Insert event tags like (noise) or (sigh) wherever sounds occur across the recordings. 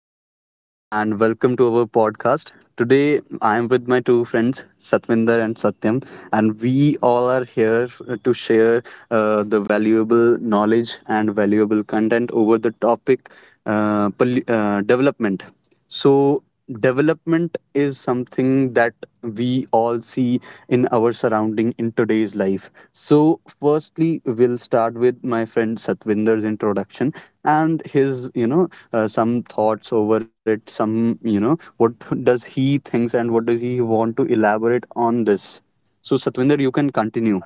Chetan, and welcome to our podcast. Today, I am with my two friends, Satvinder and Satyam, and we all are here to share the valuable knowledge and valuable content over the topic development. So, development is something that we all see in our surrounding in today's life. So, firstly, we'll start with my friend Satvinder's introduction and his some thoughts over it, some, what does he thinks and what does he want to elaborate on this. So, Satvinder, you can continue.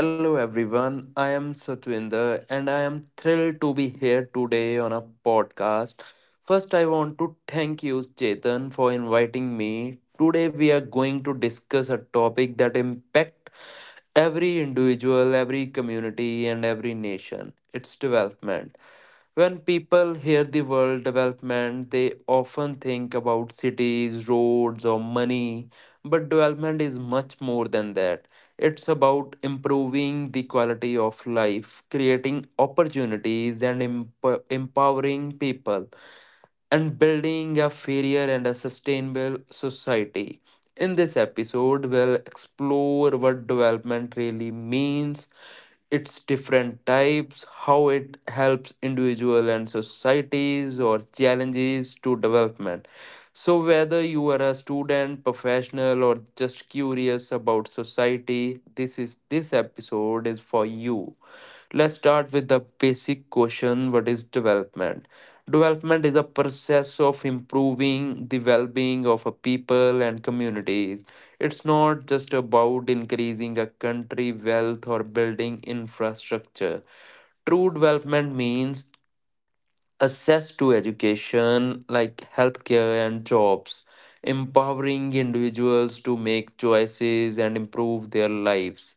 Hello everyone, I am Satwinder and I am thrilled to be here today on a podcast. First, I want to thank you, Chetan, for inviting me. Today, we are going to discuss a topic that impacts every individual, every community, and every nation its development. When people hear the word development, they often think about cities, roads, or money but development is much more than that it's about improving the quality of life creating opportunities and empowering people and building a fairer and a sustainable society. In this episode, we'll explore what development really means, its different types, how it helps individual and societies or challenges to development. So whether you are a student, professional or just curious about society, this episode is for you. Let's start with the basic question what is development? Development is a process of improving the well being of a people and communities. It's not just about increasing a country wealth or building infrastructure. True development means access to education like healthcare and jobs, empowering individuals to make choices and improve their lives,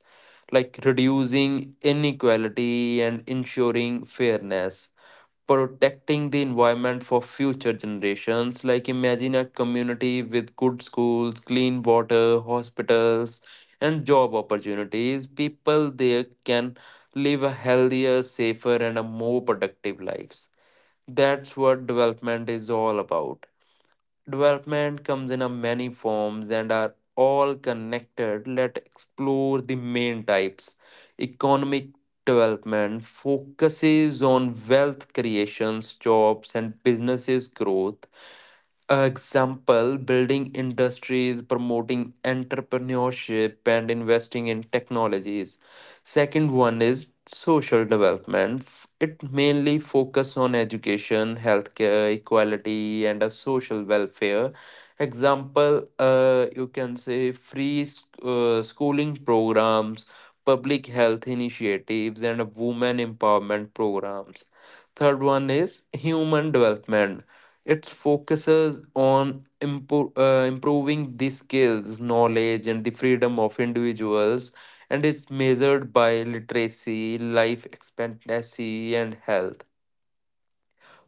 like reducing inequality and ensuring fairness, protecting the environment for future generations. Like, imagine a community with good schools, clean water, hospitals, and job opportunities. People there can live a healthier, safer, and a more productive lives that's what development is all about. Development comes in a many forms and are all connected. Let's explore the main types. Economic development focuses on wealth creations, jobs, and businesses growth example building industries promoting entrepreneurship and investing in technologies second one is social development it mainly focus on education healthcare equality and a social welfare. Example, you can say free schooling programs, public health initiatives, and women empowerment programs. Third one is human development. It focuses on improving the skills, knowledge, and the freedom of individuals, and it's measured by literacy, life expectancy, and health.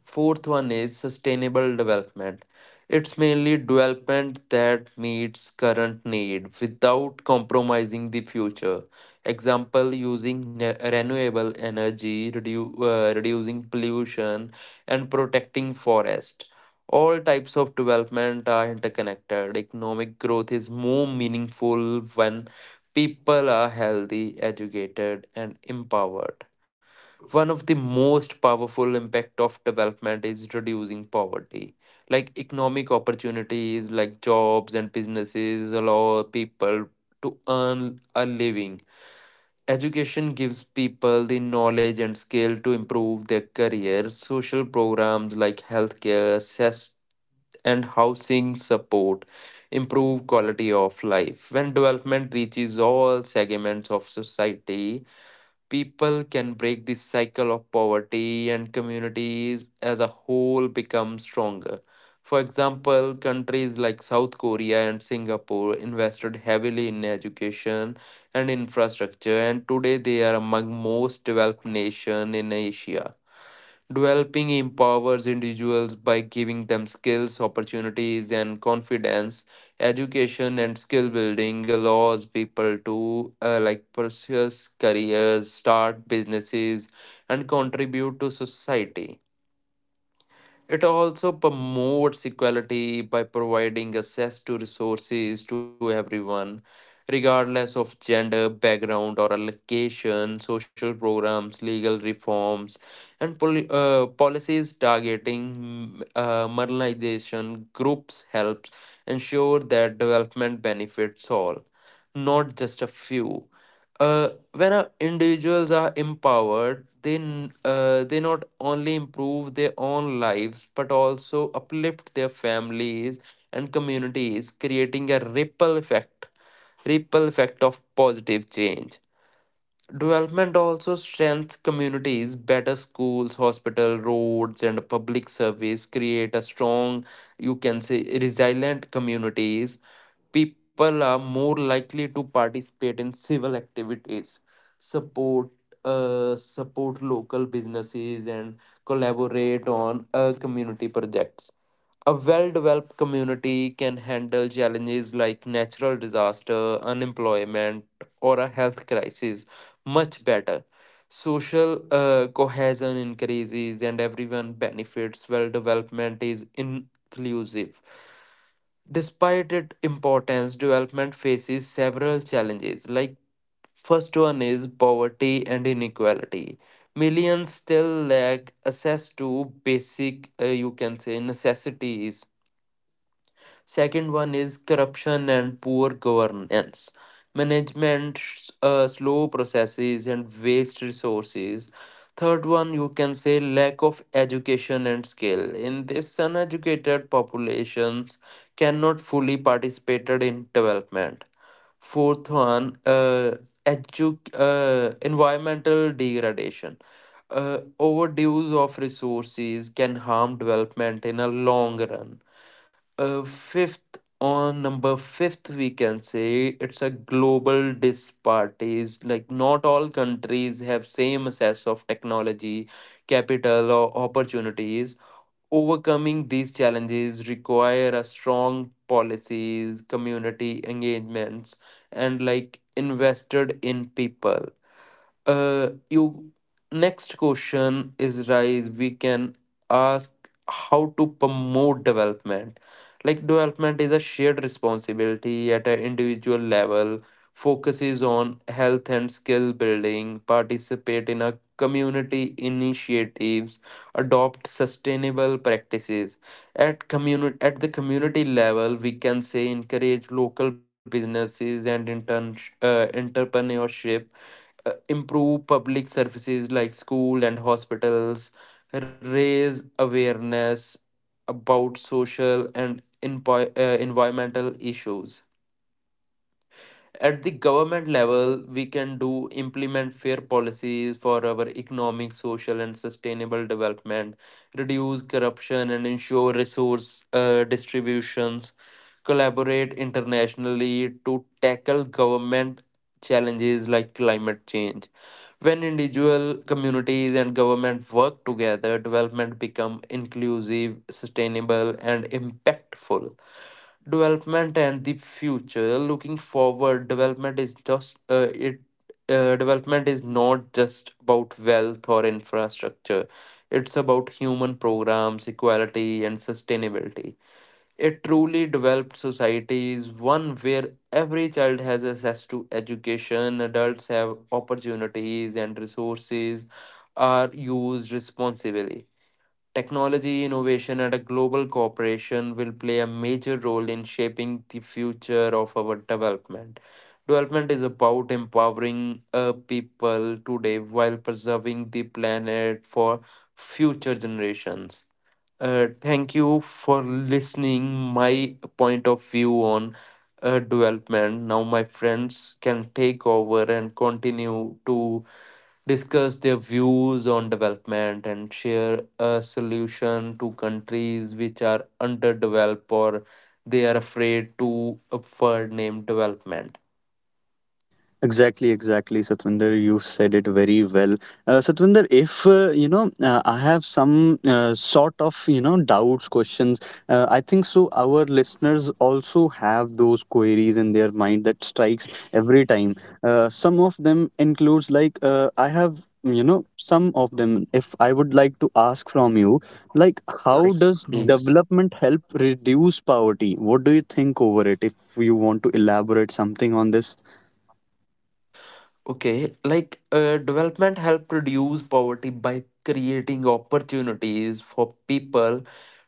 Fourth one is sustainable development. It's mainly development that meets current need without compromising the future. Example using renewable energy, reducing pollution and protecting forest. All types of development are interconnected. Economic growth is more meaningful when people are healthy, educated and empowered one of the most powerful impact of development is reducing poverty like economic opportunities like jobs and businesses allow people to earn a living education gives people the knowledge and skill to improve their career social programs like healthcare access and housing support improve quality of life when development reaches all segments of society. People can break this cycle of poverty and communities as a whole become stronger. For example, countries like South Korea and Singapore invested heavily in education and infrastructure and today they are among most developed nation in Asia. Developing empowers individuals by giving them skills, opportunities, and confidence. Education and skill building allows people to pursue careers, start businesses, and contribute to society. It also promotes equality by providing access to resources to everyone, regardless of gender, background, or allocation. Social programs, legal reforms, and policies targeting marginalization groups helps ensure that development benefits all, not just a few. When individuals are empowered they not only improve their own lives but also uplift their families and communities creating a ripple effect of positive change. Development also strengthens communities. Better schools, hospital, roads, and public service create a strong, you can say, resilient communities. People are more likely to participate in civil activities, support, support local businesses, and collaborate on community projects. A well developed community can handle challenges like natural disaster, unemployment, or a health crisis much better. Social cohesion increases and everyone benefits well development is inclusive. Despite its importance, development faces several challenges. Like first one is poverty and inequality. Millions still lack access to basic, you can say, necessities. Second one is corruption and poor governance. Management, slow processes, and waste resources. Third one, you can say lack of education and skill. In this, uneducated populations cannot fully participate in development. Fourth one, environmental degradation. Overdose of resources can harm development in a long run. Fifth on Number fifth, we can say it's a global disparities. Like not all countries have same access of technology, capital, or opportunities. Overcoming these challenges require a strong policies, community engagements, and like invested in people. You Next question is rise. We can ask how to promote development. Like development is a shared responsibility at an individual level. Focuses on health and skill building. Participate in a community initiatives. Adopt sustainable practices at community at the community level. We can say encourage local businesses and intern entrepreneurship. Improve public services like school and hospitals, raise awareness about social and environmental issues. At the government level, we can do implement fair policies for our economic, social, and sustainable development, reduce corruption, and ensure resource distributions, collaborate internationally to tackle government challenges like climate change when individual communities and government work together, development become inclusive, sustainable, and impactful. Development and the future. Looking forward, development is just it. Development is not just about wealth or infrastructure. It's about human programs, equality, and sustainability. A truly developed society is one where every child has access to education, adults have opportunities, and resources are used responsibly. Technology, innovation, and a global cooperation will play a major role in shaping the future of our development. Development is about empowering people today while preserving the planet for future generations. Thank you for listening my point of view on development. Now my friends can take over and continue to discuss their views on development and share a solution to countries which are underdeveloped or they are afraid to afford name development. Exactly, exactly, Satwinder. You said it very well. Satwinder, if I have some sort of doubts, questions. I think so. Our listeners also have those queries in their mind that strikes every time. Some of them includes like I have some of them. If I would like to ask from you, like Right. how Yes, does please. development help reduce poverty? What do you think over it? If you want to elaborate something on this. Okay, development help reduce poverty by creating opportunities for people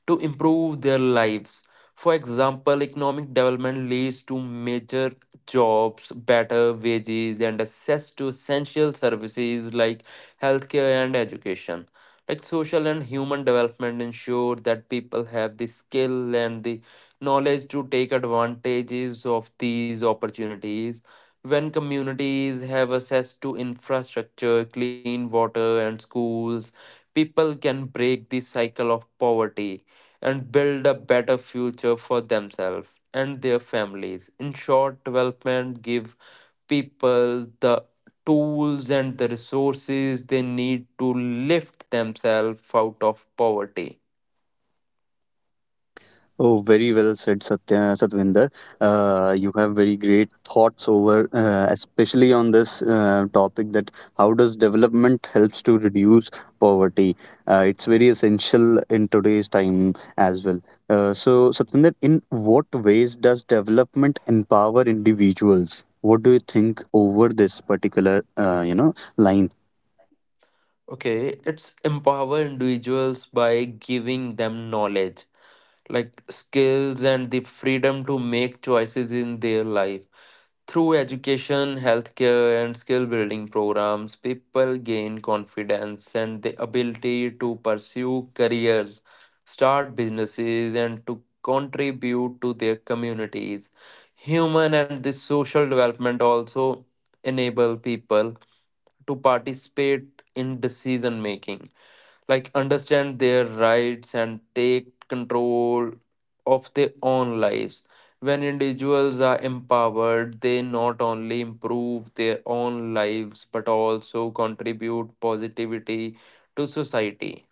to improve their lives. For example, economic development leads to major jobs, better wages, and access to essential services like healthcare and education. Like social and human development ensure that people have the skill and the knowledge to take advantages of these opportunities. When communities have access to infrastructure, clean water, and schools, people can break the cycle of poverty and build a better future for themselves and their families. In short, development give people the tools and the resources they need to lift themselves out of poverty. Oh, very well said, Satvinder. You have very great thoughts over, especially on this topic that how does development helps to reduce poverty. It's very essential in today's time as well. So, Satvinder, in what ways does development empower individuals? What do you think over this particular, line? Okay, it's empower individuals by giving them knowledge, like skills and the freedom to make choices in their life. Through education, healthcare, and skill building programs, people gain confidence and the ability to pursue careers, start businesses, and to contribute to their communities. Human and the social development also enable people to participate in decision making like understand their rights and take control of their own lives. When individuals are empowered, they not only improve their own lives but also contribute positivity to society.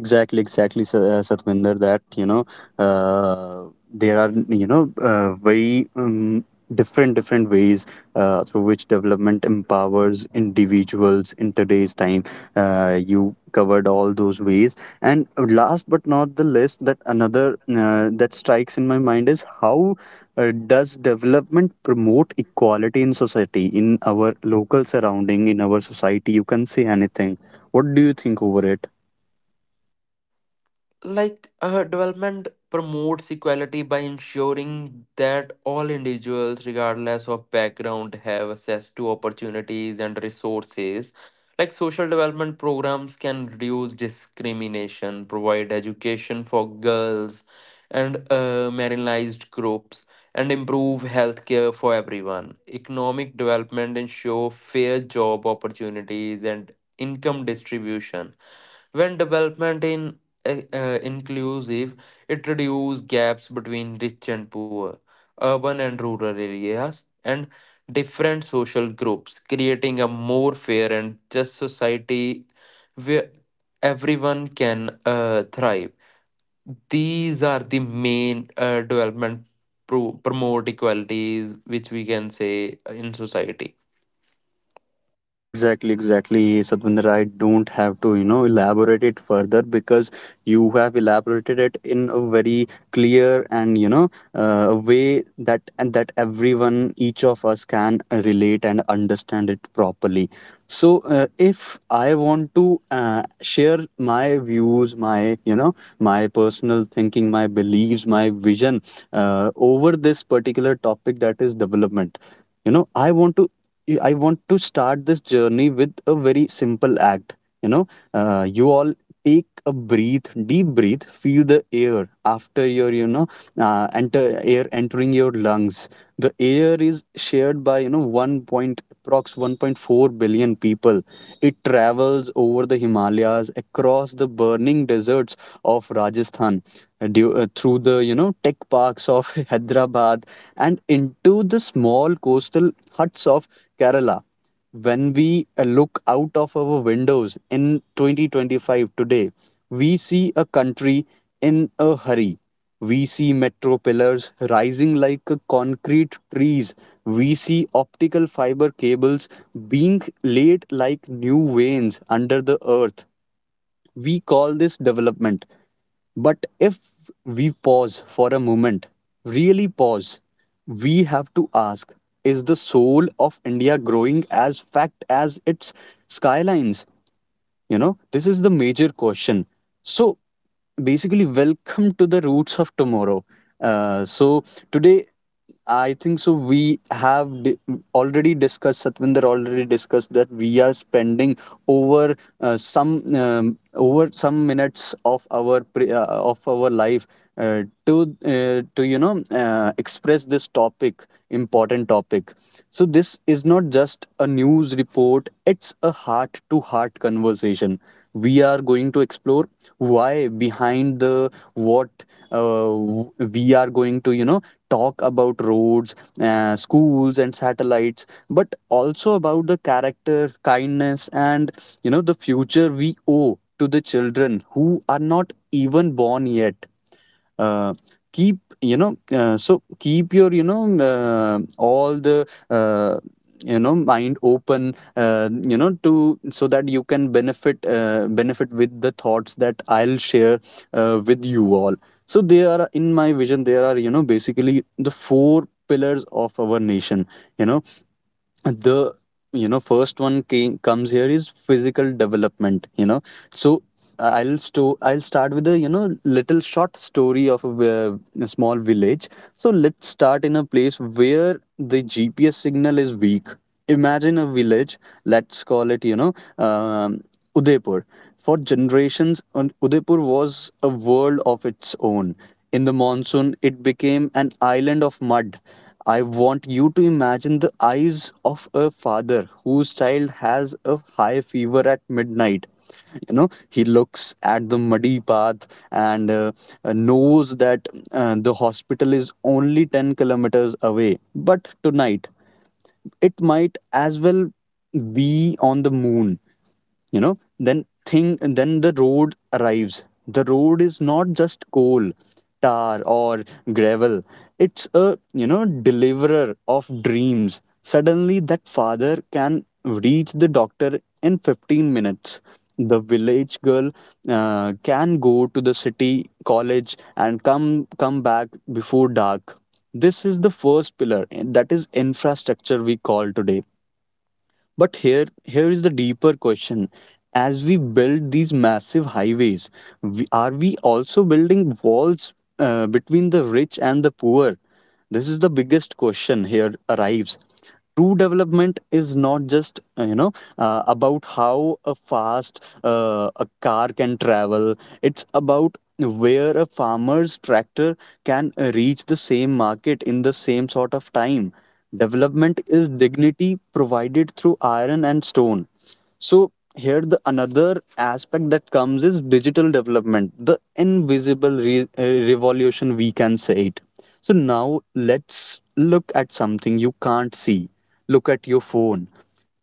Exactly, exactly, Satvinder. Uh, there are very different different ways through which development empowers individuals in today's time. You covered all those ways, and last but not the least, that another that strikes in my mind is how does development promote equality in society, in our local surrounding, in our society? You can say anything. What do you think over it? Development promotes equality by ensuring that all individuals, regardless of background, have access to opportunities and resources. Like social development programs can reduce discrimination, provide education for girls and marginalized groups, and improve healthcare for everyone. Economic development ensure fair job opportunities and income distribution when development in inclusive, it reduces gaps between rich and poor, urban and rural areas, and different social groups, creating a more fair and just society where everyone can thrive. These are the main development promote equalities which we can say in society. Exactly, exactly, Satvinder. I don't have to, elaborate it further because you have elaborated it in a very clear and, a way that and that everyone, each of us can relate and understand it properly. So if I want to share my views, my my personal thinking, my beliefs, my vision over this particular topic, that is development. I want to I want to start this journey with a very simple act. you know you all take a breath, deep breath, feel the air after your enter, air entering your lungs. The air is shared by 1 point approx 1.4 billion people. It travels over the Himalayas, across the burning deserts of Rajasthan, through the tech parks of (laughs) Hyderabad and into the small coastal huts of Kerala. When we look out of our windows in 2025 today, we see a country in a hurry. We see metro pillars rising like concrete trees. We see optical fiber cables being laid like new veins under the earth. We call this development, but if we pause for a moment, really pause, we have to ask, is the soul of India growing as fact as its skylines? You know, this is the major question. So, basically, welcome to the roots of tomorrow. So today, I think so we have already discussed, Satvinder already discussed, that we are spending over some over some minutes of our of our life to express this topic, important topic. So this is not just a news report, it's a heart to heart conversation. We are going to explore why behind the what. We are going to, talk about roads, schools, and satellites, but also about the character, kindness, and, the future we owe to the children who are not even born yet. uh, Keep your all the mind open, to so that you can benefit, benefit with the thoughts that I'll share with you all. So there are, in my vision there are, basically the four pillars of our nation. you know the first one comes here is physical development. So I'll start with a little short story of a small village. So let's start in a place where the GPS signal is weak. Imagine a village, let's call it, um, Udaipur. For generations, Udaipur was a world of its own. In the monsoon, it became an island of mud. I want you to imagine the eyes of a father whose child has a high fever at midnight. You know, he looks at the muddy path and knows that the hospital is only 10 kilometers away. But tonight, it might as well be on the moon. You know then thing And then the road arrives. The road is not just coal tar or gravel, it's a, you know deliverer of dreams. Suddenly that father can reach the doctor in 15 minutes. The village girl can go to the city college and come back before dark. This is the first pillar, and that is infrastructure we call today. But here, here is the deeper question. As we build these massive highways, are we also building walls between the rich and the poor? This is the biggest question here arrives. True development is not just, about how a fast a car can travel. It's about where a farmer's tractor can reach the same market in the same sort of time. Development is dignity provided through iron and stone. So here the another aspect that comes is digital development, the invisible revolution we can say it. So now let's look at something you can't see. Look at your phone.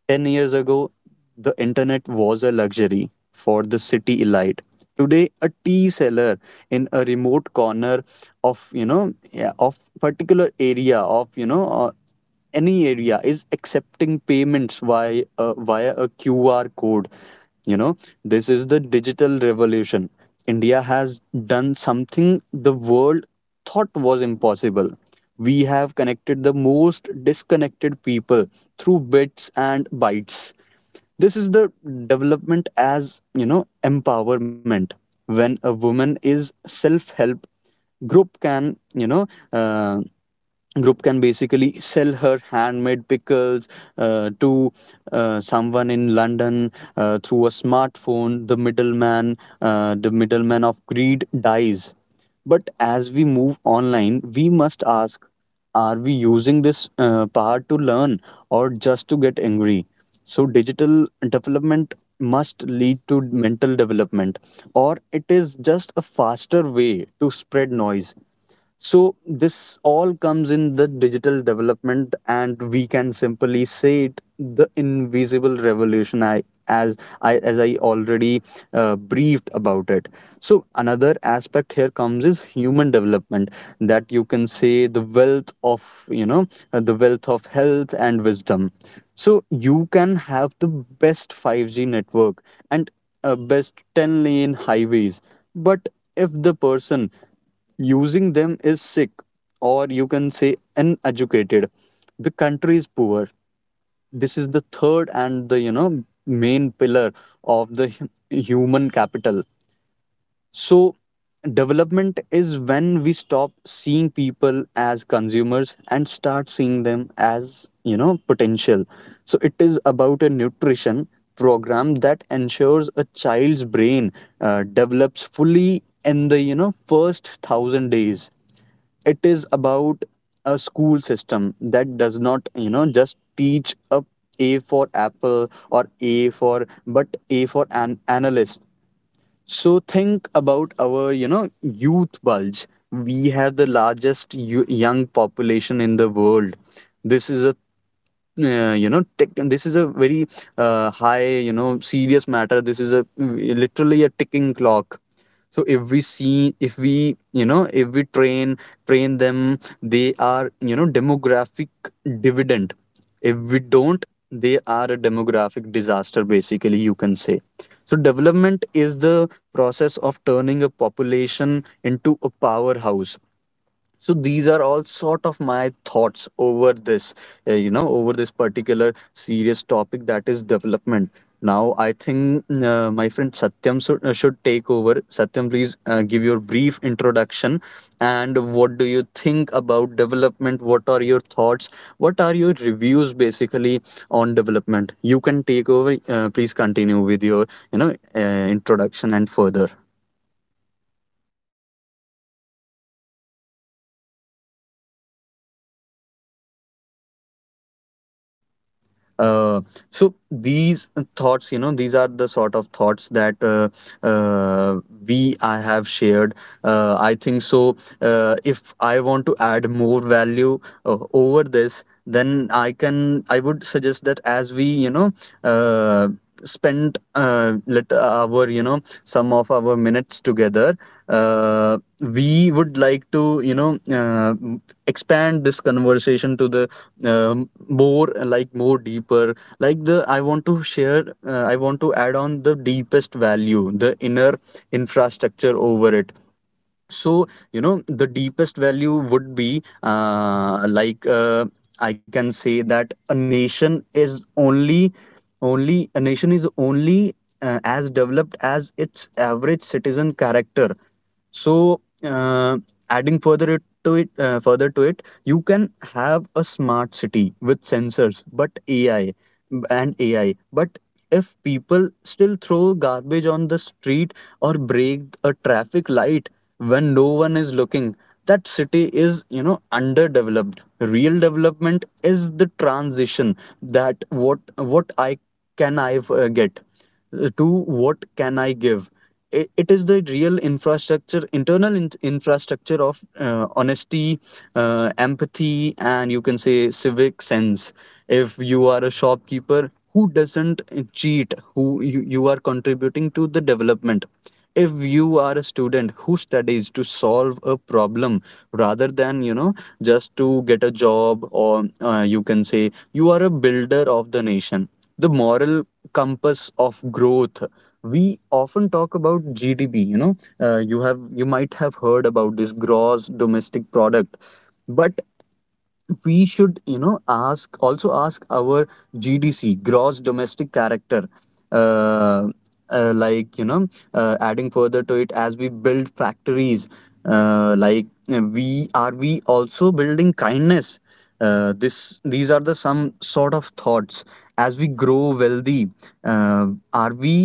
10 years ago, the internet was a luxury for the city elite. Today, a tea seller in a remote corner of, yeah, of particular area of, any area, is accepting payments via via a QR code. You know, this is the digital revolution. India has done something the world thought was impossible. We have connected the most disconnected people through bits and bytes. This is the development as, empowerment. When a woman is self help group can, group can basically sell her handmade pickles to someone in London through a smartphone. The middleman, the middleman of greed dies. But as we move online we must ask, are we using this power to learn or just to get angry? So digital development must lead to mental development, or it is just a faster way to spread noise. So this all comes in the digital development, and we can simply say it the invisible revolution, I as I as I already briefed about it. So another aspect here comes is human development, that you can say the wealth of, you know the wealth of health and wisdom. So you can have the best 5G network and best 10-lane highways, but if the person using them is sick or you can say uneducated, the country is poor. This is the third and the, main pillar of the human capital. So development is when we stop seeing people as consumers and start seeing them as, potential. So it is about a nutrition program that ensures a child's brain develops fully in the, first 1,000 days. It is about a school system that does not, just teach a for apple or a for, but a for an analyst. So think about our, youth bulge. We have the largest young population in the world. This is a, this is a very high, serious matter. This is a literally a ticking clock. So if we see, if we, if we train them, they are, demographic dividend. If we don't, they are a demographic disaster, basically you can say. So development is the process of turning a population into a powerhouse. So these are all sort of my thoughts over this, over this particular serious topic, that is development. Now I think my friend Satyam should take over. Satyam, please give your brief introduction and what do you think about development, what are your thoughts, what are your reviews basically on development. You can take over, please continue with your, you know uh, introduction and further. Uh, so these thoughts, these are the sort of thoughts that uh, we I have shared. I think so. If I want to add more value over this, then I can. I would suggest that as we, uh, spent let our some of our minutes together we would like to expand this conversation to the more like more deeper like the I want to share, I want to add on the deepest value, the inner infrastructure over it. So you know the deepest value would be I can say that a nation is only as developed as its average citizen character. So, adding further to it, you can have a smart city with sensors, but AI. But if people still throw garbage on the street or break a traffic light when no one is looking, that city is, you know, underdeveloped. Real development is the transition that what I can I get to what can I give? It is the real infrastructure, internal infrastructure of honesty, empathy, and you can say civic sense. If you are a shopkeeper who doesn't cheat, you are contributing to the development. If you are a student who studies to solve a problem rather than just to get a job, or you can say, you are a builder of the nation, the moral compass of growth. We often talk about gdp, you know, you might have heard about this, gross domestic product, but we should, you know, ask also ask our gdc, gross domestic character. uh, uh, like you know Adding further to it, as we build factories, uh, like we also building kindness. This these are the some sort of thoughts. As we grow wealthy, uh, are we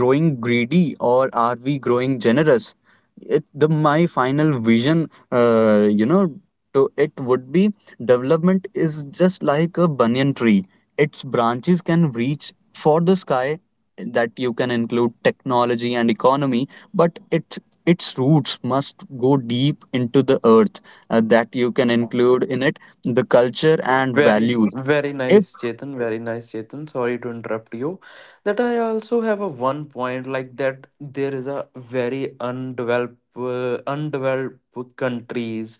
growing greedy, or are we growing generous? It, the my final vision, so it would be, development is just like a banyan tree. Its branches can reach for the sky, that you can include technology and economy, but it its roots must go deep into the earth, that you can include in it the culture and Very, values. very If nice, Chetan. Very nice, Chetan. Sorry to interrupt you. That I also have a one point like that there is a very undeveloped countries.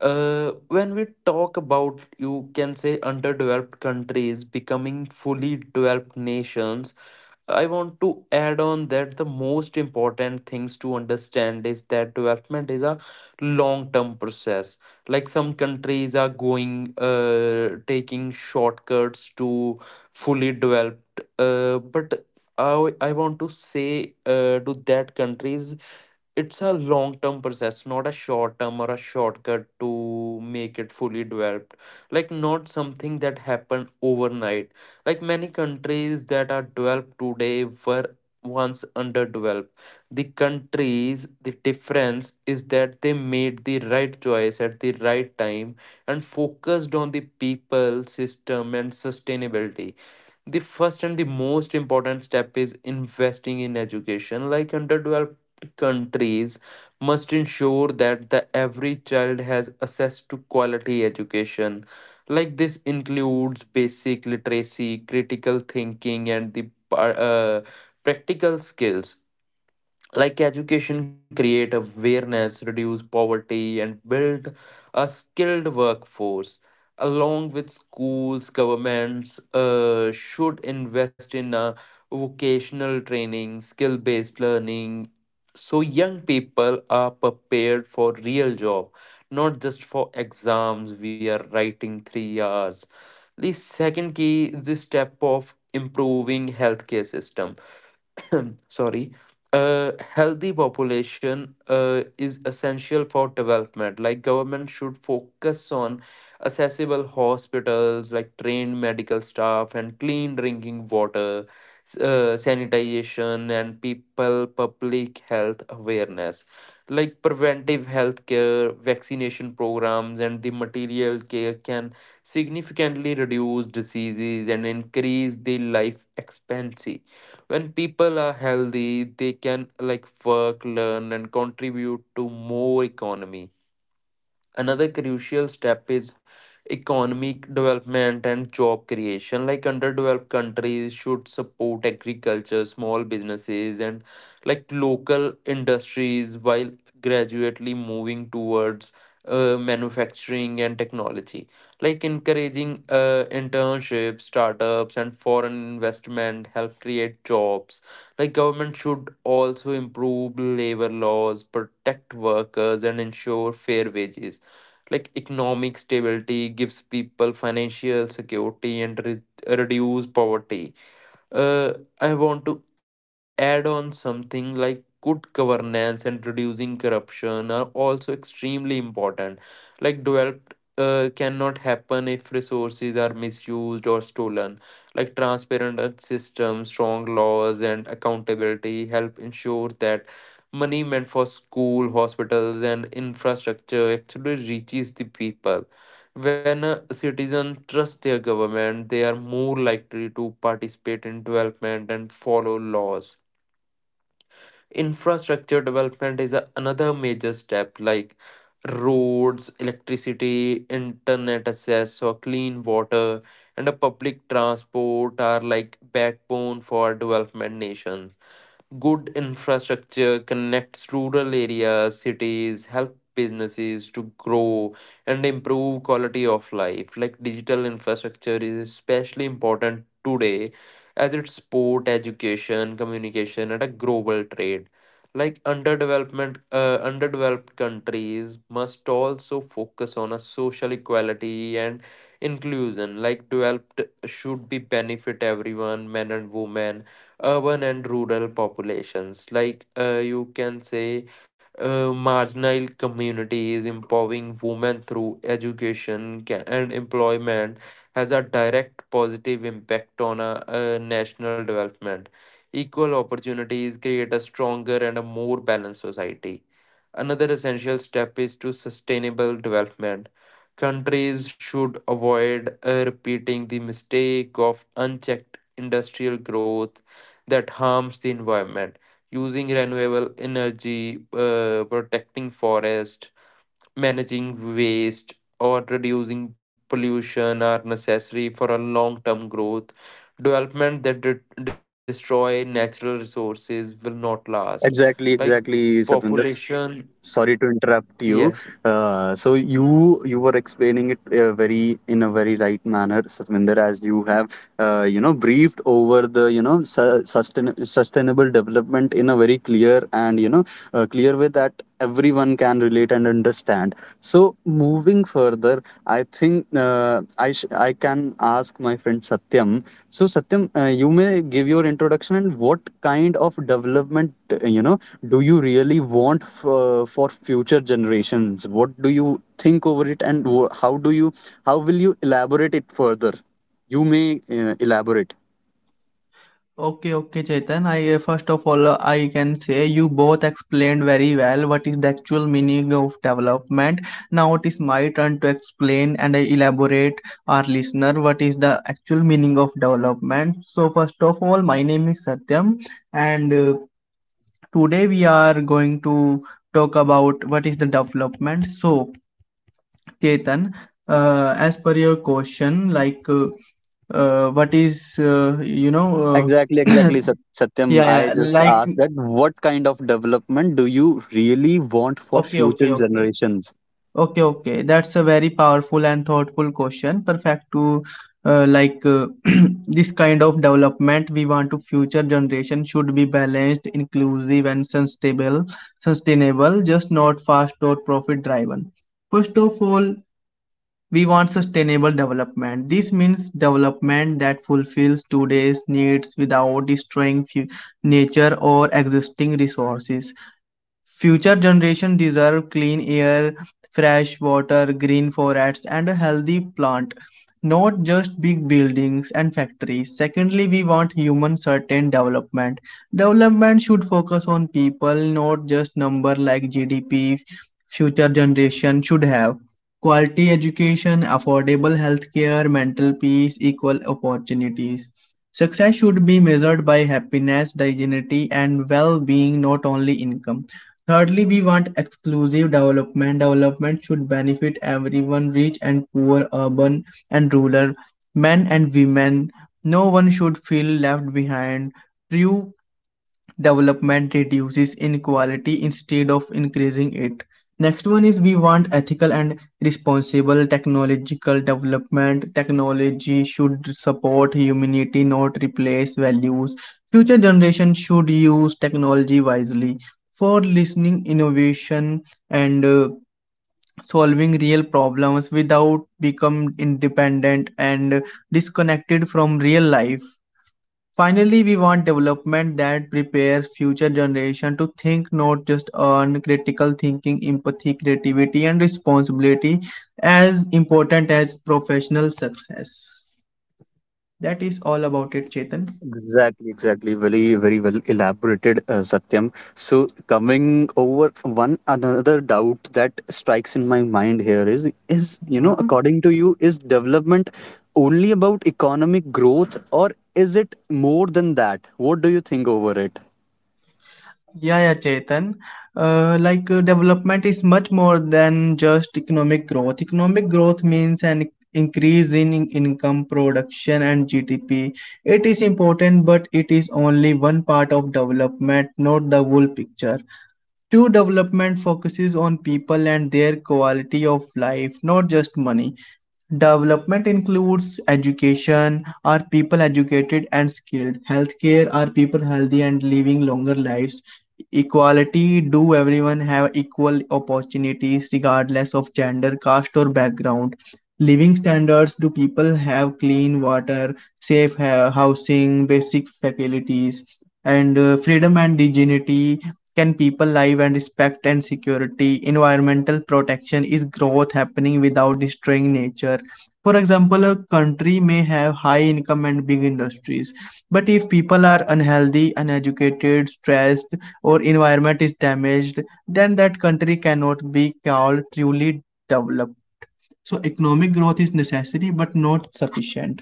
When we talk about, you can say underdeveloped countries becoming fully developed nations. I want to add on that the most important things to understand is that development is a long term process. Like some countries are going, taking shortcuts to fully developed. But I want to say to that countries, it's a long term process, not a short term or a shortcut to make it fully developed. Like, not something that happened overnight like many countries that are developed today were once underdeveloped. The countries, the difference is that they made the right choice at the right time and focused on the people, system, and sustainability the first and the most important step is investing in education like underdeveloped countries must ensure that the every child has access to quality education like this includes basic literacy critical thinking and the practical skills like education create awareness reduce poverty and build a skilled workforce along with schools governments should invest in a vocational training skill based learning so young people are prepared for real job not just for exams we are writing 3 hours. The second key is the step of improving healthcare system. (clears throat) Sorry. A healthy population is essential for development like government should focus on accessible hospitals like trained medical staff and clean drinking water sanitization and people public health awareness like preventive health care vaccination programs and the material care can significantly reduce diseases and increase the life expectancy when people are healthy they can like work learn and contribute to more economy. Another crucial step is economic development and job creation. Like underdeveloped countries should support agriculture, small businesses, and like local industries while gradually moving towards manufacturing and technology. Like encouraging internships, startups, and foreign investment help create jobs. Like government should also improve labor laws, protect workers, and ensure fair wages like economic stability gives people financial security and reduce poverty. uh, I want to add on something like good governance and reducing corruption are also extremely important. Like developed cannot happen if resources are misused or stolen. Like transparent systems, strong laws, and accountability help ensure that money meant for school, hospitals, and infrastructure actually reaches the people when citizens trust their government, they are more likely to participate in development and follow laws. Infrastructure development is another major step, like roads, electricity, internet access, or clean water, and a public transport are like backbone for development nations. Good infrastructure connects rural areas, cities, help businesses to grow and improve quality of life. Like digital infrastructure is especially important today as it support education, communication, and a global trade. Like underdeveloped countries must also focus on a social equality and inclusion. Like developed should be benefit everyone, men and women urban and rural populations. Like you can say, marginal communities, empowering women through education and employment has a direct positive impact on national development. Equal opportunities create a stronger and a more balanced society. Another essential step is to sustainable development. Countries should avoid repeating the mistake of unchecked industrial growth that harms the environment using renewable energy protecting forest managing waste or reducing pollution are necessary for a long term growth development that destroy natural resources will not last like exactly, exactly, Satvinder. population Sorry to interrupt yes you. So you were explaining it very in a very right manner, Satvinder, as you have briefed over the, you know, sustain sustainable development in a very clear and, you know, clear way that everyone can relate and understand. So moving further, I think I can ask my friend Satyam. So Satyam, you may give your introduction and what kind of development, do you really want for future generations? What do you think over it, and how do you, how will you elaborate it further? You may elaborate. Okay, okay, Chetan. I first of all I can say you both explained very well what is the actual meaning of development. Now it is my turn to explain and I elaborate our listener what is the actual meaning of development. So first of all, my name is Satyam, and today we are going to talk about what is the development. So Chetan, as per your question, like what is you know. Exactly, Uh, exactly, (clears throat) Satyam. Yeah, I yeah, just like, asked that, what kind of development do you really want for okay, future okay, okay, generations? Okay. That's a very powerful and thoughtful question. Perfect to uh, like uh, (clears throat) this kind of development we want to future generation should be balanced, inclusive, and sustainable, just not fast or profit driven. First of all, we want sustainable development. This means development that fulfills today's needs without destroying nature or existing resources. Future generations deserve clean air, fresh water, green forests, and a healthy plant, not just big buildings and factories. Secondly, we want human certain development. Development should focus on people, not just number like GDP future generation should have. Quality education, affordable healthcare, mental peace, equal opportunities. Success should be measured by happiness, dignity, and well being, not only income. Thirdly, we want exclusive development. Development should benefit everyone, rich and poor, urban and rural, men and women. No one should feel left behind. True development reduces inequality instead of increasing it. Next one is we want ethical and responsible technological development. Technology should support humanity, not replace values. Future generations should use technology wisely for listening, innovation, and solving real problems without become independent and disconnected from real life. Finally, we want development that prepares future generation to think not just on critical thinking, empathy, creativity and responsibility as important as professional success. That is all about it, Chetan. Exactly, exactly. Very, very well elaborated, Satyam. So, coming over one another doubt that strikes in my mind here is, you know, Yeah. according to you, is development only about economic growth, or is it more than that? What do you think over it? Yeah, yeah, Chetan. Development is much more than just economic growth. Economic growth means an increase in income, production, and GDP. It is important, but it is only one part of development, not the whole picture. True development focuses on people and their quality of life, not just money. Development includes education. Are people educated and skilled? Healthcare. Are people healthy and living longer lives? Equality. Do everyone have equal opportunities regardless of gender, caste, or background? Living standards. Do people have clean water, safe housing, basic facilities? And freedom and dignity. Can people live and respect and security? Environmental protection. Is growth happening without destroying nature? For example, a country may have high income and big industries, but if people are unhealthy, uneducated, stressed, or environment is damaged, then that country cannot be called truly developed. So economic growth is necessary but not sufficient.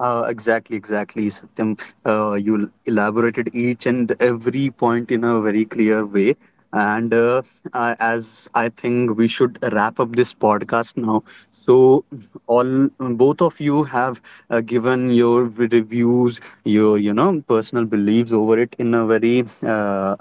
Exactly, exactly, Satyam. You elaborated each and every point in a very clear way. And I, as I think we should wrap up this podcast now. So, all both of you have given your reviews, your, you know, personal beliefs over it in a very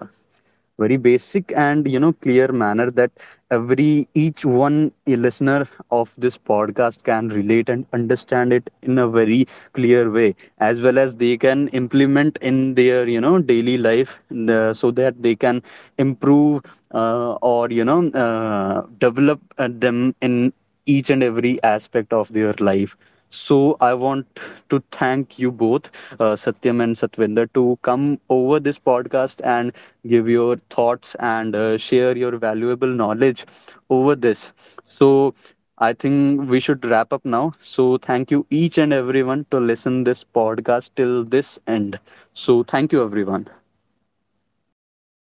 very basic and, you know, clear manner that every each one listener of this podcast can relate and understand it in a very clear way, as well as they can implement in their, you know, daily life, so that they can improve or develop them in each and every aspect of their life. So I want to thank you both, Satyam and Satvinder, to come over this podcast and give your thoughts and share your valuable knowledge over this. So I think we should wrap up now. So thank you each and everyone to listen this podcast till this end. So thank you everyone.